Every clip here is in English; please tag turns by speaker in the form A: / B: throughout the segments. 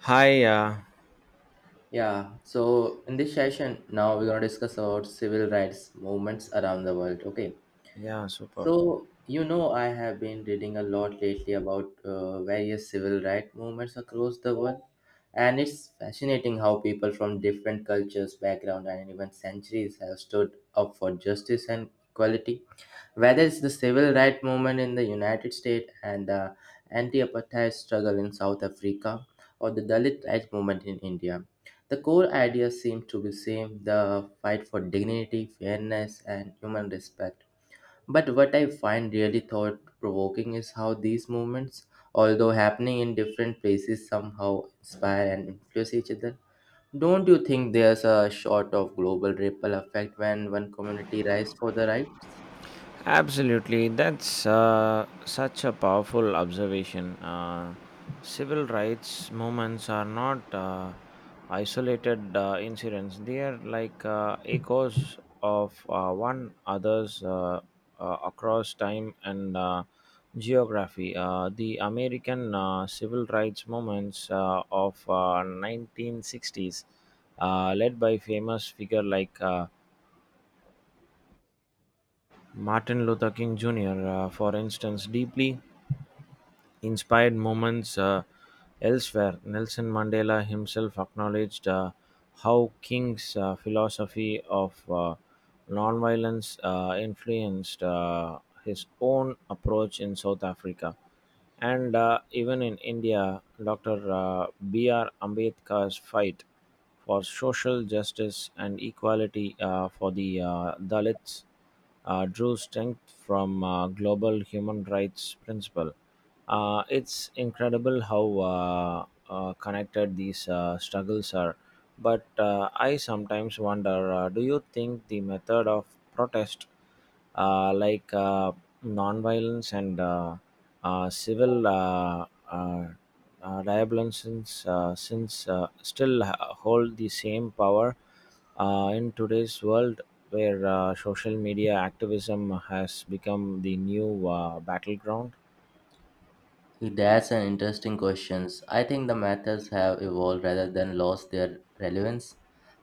A: Hi, uh,
B: Yeah, so in this session, now we're gonna discuss about civil rights movements around the world. Okay,
A: yeah, super.
B: I have been reading a lot lately about various civil rights movements across the world, and it's fascinating how people from different cultures, background, and even centuries have stood up for justice and equality. Whether it's the civil rights movement in the United States and the anti apartheid struggle in South Africa or the Dalit rights movement in India, the core ideas seem to be same the fight for dignity, fairness, and human respect. But what I find really thought provoking is how these movements, although happening in different places, somehow inspire and influence each other. Don't you think there's a sort of global ripple effect when one community rises for the rights?
A: Absolutely, that's such a powerful observation. Civil rights movements are not isolated incidents, they are like echoes of one another's, across time and geography. The American civil rights movements of 1960s, led by famous figure like Martin Luther King Jr., for instance, deeply inspired moments elsewhere. Nelson Mandela himself acknowledged how King's philosophy of nonviolence influenced his own approach in South Africa. And even in India, Dr. B.R. Ambedkar's fight for social justice and equality for the Dalits drew strength from global human rights principle. It's incredible how uh, connected these struggles are. But I sometimes wonder, do you think the method of protest, like nonviolence and civil uh, diabolicisms, since still hold the same power in today's world where social media activism has become the new battleground?
B: That's an interesting question. I think the methods have evolved rather than lost their relevance.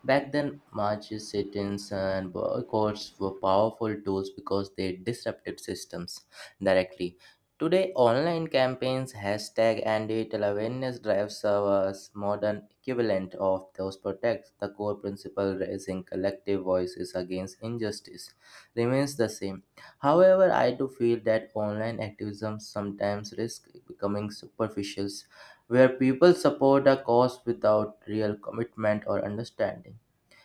B: Back then, marches, sit-ins, and boycotts were powerful tools because they disrupted systems directly. Today, online campaigns, hashtag, and digital awareness drives are a modern equivalent of those protects. The core principle, raising collective voices against injustice, remains the same. However, I do feel that online activism sometimes risks becoming superficial, where people support a cause without real commitment or understanding.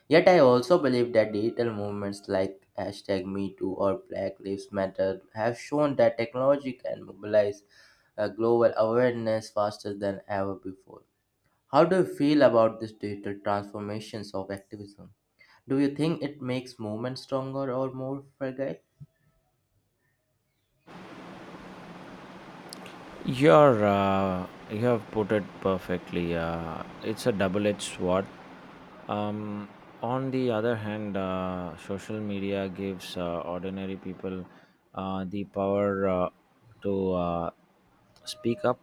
B: Yet, I also believe that digital movements like hashtag MeToo or Black Lives Matter have shown that technology can mobilize global awareness faster than ever before. How do you feel about these digital transformations of activism? Do you think it makes movements stronger or more fragile?
A: You have put it perfectly. It's a double edged sword. Um, on the other hand, social media gives ordinary people the power to speak up.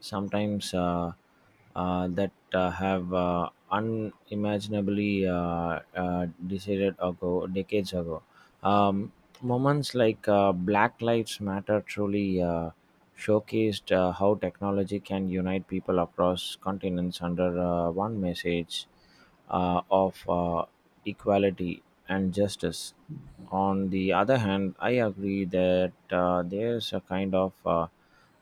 A: Sometimes that have unimaginably decades ago. Um, moments like Black Lives Matter truly showcased how technology can unite people across continents under one message of equality and justice. On the other hand, I agree that there's a kind of uh,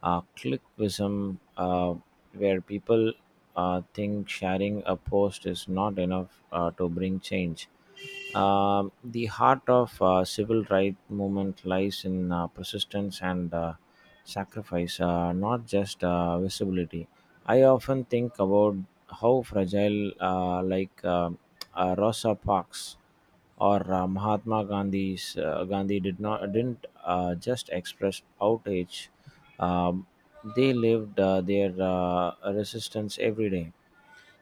A: uh, clickism where people think sharing a post is not enough to bring change. The heart of civil rights movement lies in persistence and sacrifice, not just visibility. I often think about how fragile, like Rosa Parks or Mahatma Gandhi didn't just express outrage. Um, they lived their resistance every day.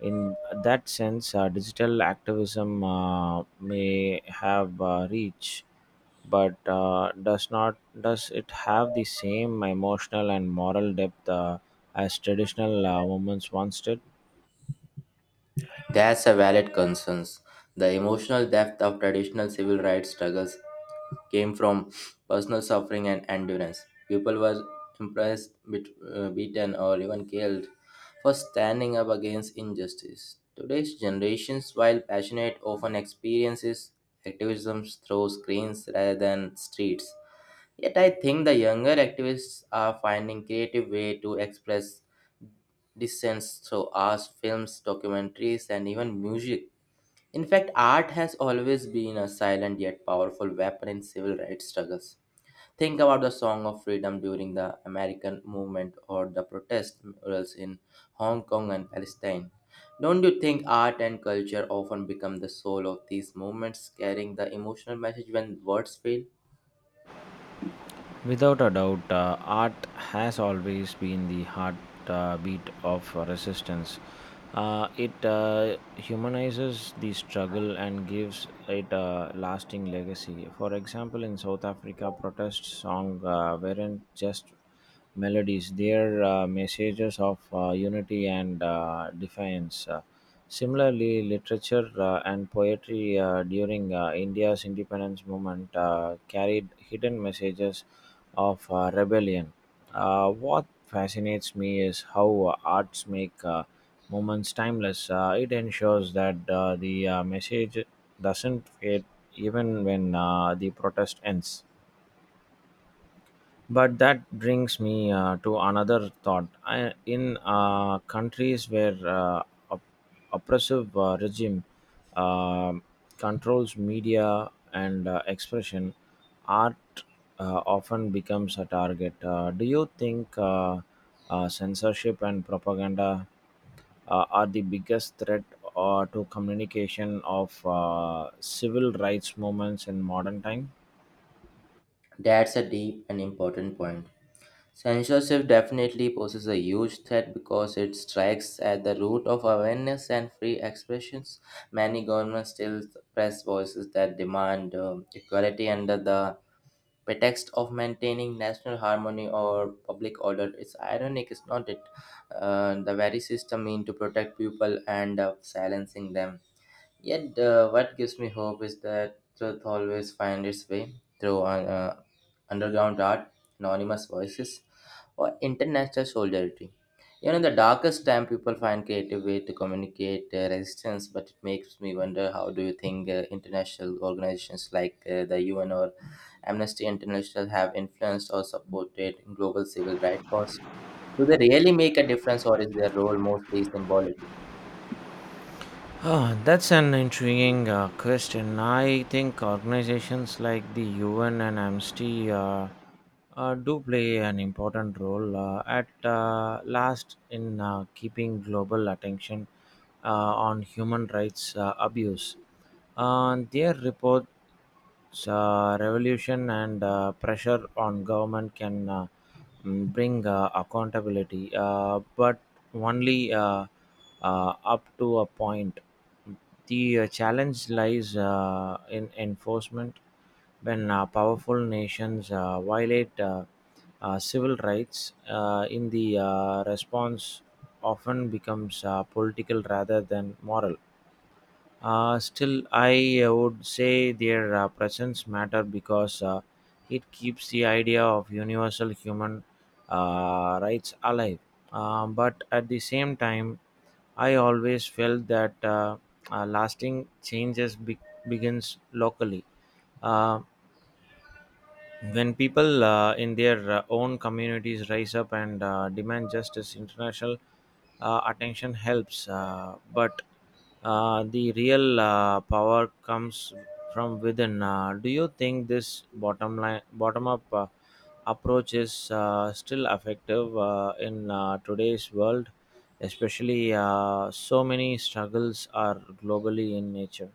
A: In that sense, digital activism may have reach, but does not does it have the same emotional and moral depth as traditional movements once did?
B: That's a valid concern. The emotional depth of traditional civil rights struggles came from personal suffering and endurance. People were impressed, bit, beaten, or even killed for standing up against injustice. Today's generations, while passionate, often experiences activism through screens rather than streets. Yet I think the younger activists are finding creative way to express dissent through arts, films, documentaries, and even music. In fact, art has always been a silent yet powerful weapon in civil rights struggles. Think about the Song of Freedom during the American movement or the protest murals in Hong Kong and Palestine. Don't you think art and culture often become the soul of these movements, carrying the emotional message when words fail?
A: Without a doubt, art has always been the heartbeat of resistance. It humanizes the struggle and gives it a lasting legacy. For example, in South Africa, protest songs weren't just melodies, their messages of unity and defiance. Similarly, literature and poetry during India's independence movement carried hidden messages of rebellion. What fascinates me is how arts make moments timeless. It ensures that the message doesn't fade even when the protest ends. But that brings me to another thought. I, in countries where op- oppressive regime uh, controls media and expression, art often becomes a target. Do you think censorship and propaganda are the biggest threat to communication of civil rights movements in modern time?
B: That's a deep and important point. Censorship definitely poses a huge threat because it strikes at the root of awareness and free expressions. Many governments still suppress voices that demand equality under the pretext of maintaining national harmony or public order. It's ironic, is not it? The very system meant to protect people and silencing them. Yet, what gives me hope is that truth always finds its way through uh, underground art, anonymous voices, or international solidarity. Even in the darkest time, people find creative way to communicate resistance. But it makes me wonder: How do you think international organizations like the UN or Amnesty International have influenced or supported global civil rights cause? Do they really make a difference, or is their role mostly symbolic?
A: Ah, that's an intriguing question. I think organizations like the UN and Amnesty do play an important role at last in keeping global attention uh, on human rights abuse. Their reports, revolution and pressure on government can bring accountability, but only up to a point. The challenge lies in enforcement when powerful nations violate civil rights in the response often becomes political rather than moral. Uh, still, I would say their presence matter because it keeps the idea of universal human rights alive. But at the same time, I always felt that lasting changes begins locally. Uh, when people in their own communities rise up and demand justice, international attention helps. But the real power comes from within. Do you think this bottom line, bottom up approach is still effective in today's world, especially so many struggles are globally in nature?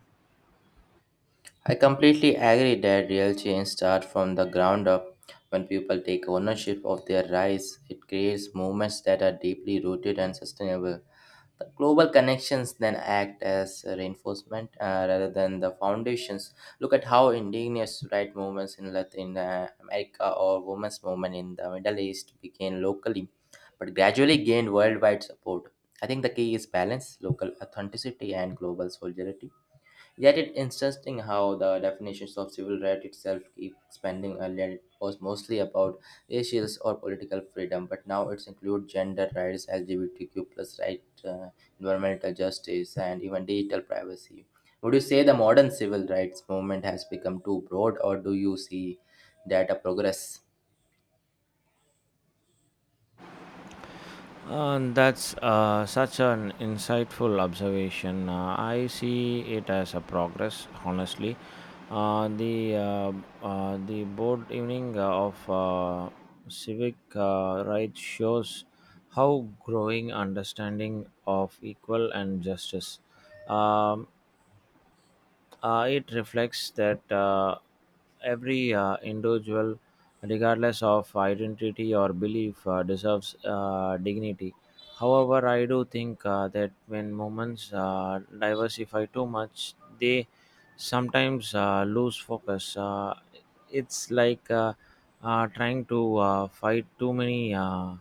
B: I completely agree that real change starts from the ground up. When people take ownership of their rights, it creates movements that are deeply rooted and sustainable. The global connections then act as a reinforcement rather than the foundations. Look at how indigenous right movements in Latin America or women's movement in the Middle East began locally, but gradually gained worldwide support. I think the key is balance, local authenticity, and global solidarity. Yet it's interesting how the definitions of civil right itself keep expanding. Earlier, it was mostly about racial or political freedom, but now it's include gender rights, LGBTQ plus right, environmental justice, and even digital privacy. Would you say the modern civil rights movement has become too broad, or do you see that a progress?
A: That's such an insightful observation. I see it as a progress, honestly. Uh, the uh, the board evening of civic rights shows how growing understanding of equal and justice. Um, it reflects that every individual, regardless of identity or belief, deserves dignity. However, I do think that when movements diversify too much, they sometimes lose focus. It's like trying to fight too many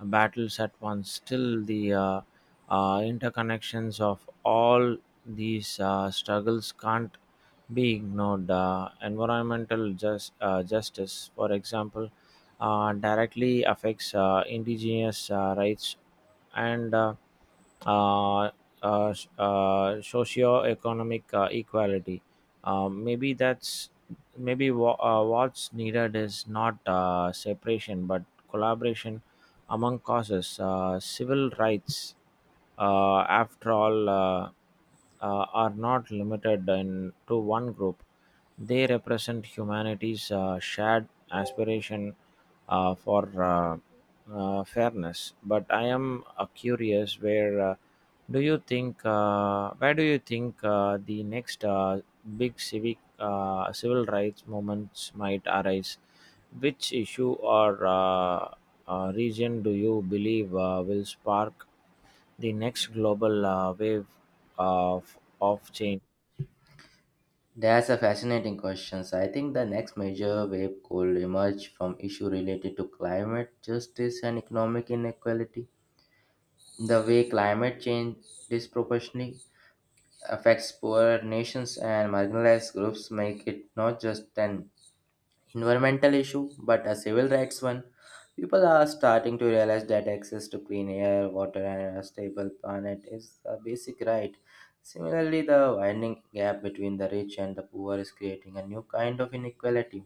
A: battles at once. Still, the interconnections of all these struggles can't be ignored. Environmental justice, for example, directly affects indigenous rights and uh, socio-economic equality. Um, maybe that's maybe what's needed is not separation but collaboration among causes. Civil rights, after all, are not to one group. They represent humanity's shared aspiration for fairness. But I am curious where do you think where do you think the next big civic civil rights movements might arise? Which issue or region do you believe will spark the next global wave of change?
B: That's a fascinating question. So I think the next major wave could emerge from issue related to climate justice and economic inequality. The way climate change disproportionately affects poorer nations and marginalized groups make it not just an environmental issue but a civil rights one. People are starting to realize that access to clean air, water, and a stable planet is a basic right. Similarly, the widening gap between the rich and the poor is creating a new kind of inequality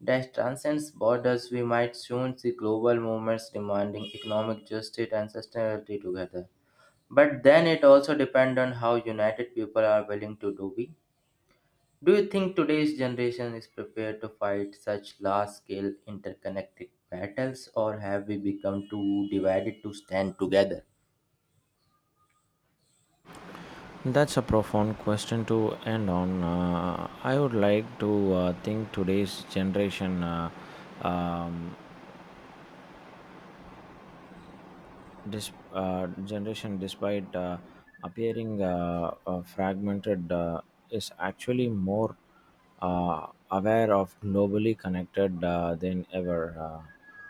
B: that transcends borders. We might soon see global movements demanding economic justice and sustainability together. But then it also depends on how united people are willing to do we. Do you think today's generation is prepared to fight such large scale interconnected battles, or have we become too divided to stand together?
A: That's a profound question to end on. I would like to think today's um, generation, despite appearing fragmented, is actually more aware of globally connected than ever.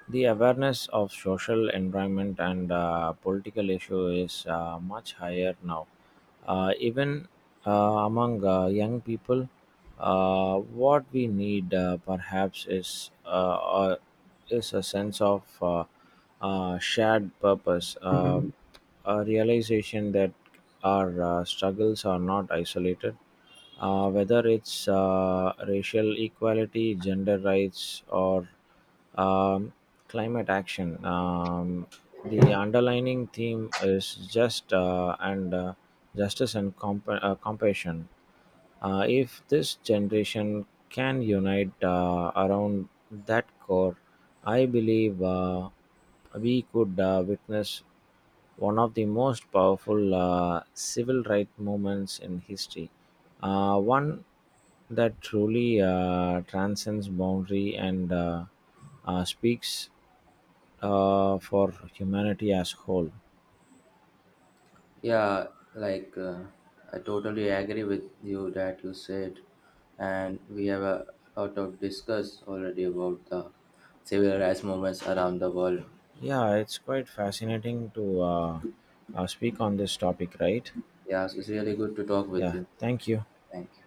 A: The awareness of social environment and political issue is much higher now even uh, among young people. What we need, perhaps, is or is a sense of shared purpose, a realization that our struggles are not isolated. Whether it's racial equality, gender rights, or um, climate action. The underlining theme is justice and compassion. If this generation can unite around that core, I believe we could witness one of the most powerful civil rights movements in history, one that truly transcends boundary and speaks for humanity as whole.
B: Yeah, like uh, I totally agree with you that you said, and we have a lot of discuss already about the civil rights movements around the world.
A: Yeah, it's quite fascinating to speak on this topic, right?
B: Yeah, so it's really good to talk with
A: Yeah,
B: you.
A: thank you.
B: Thank you.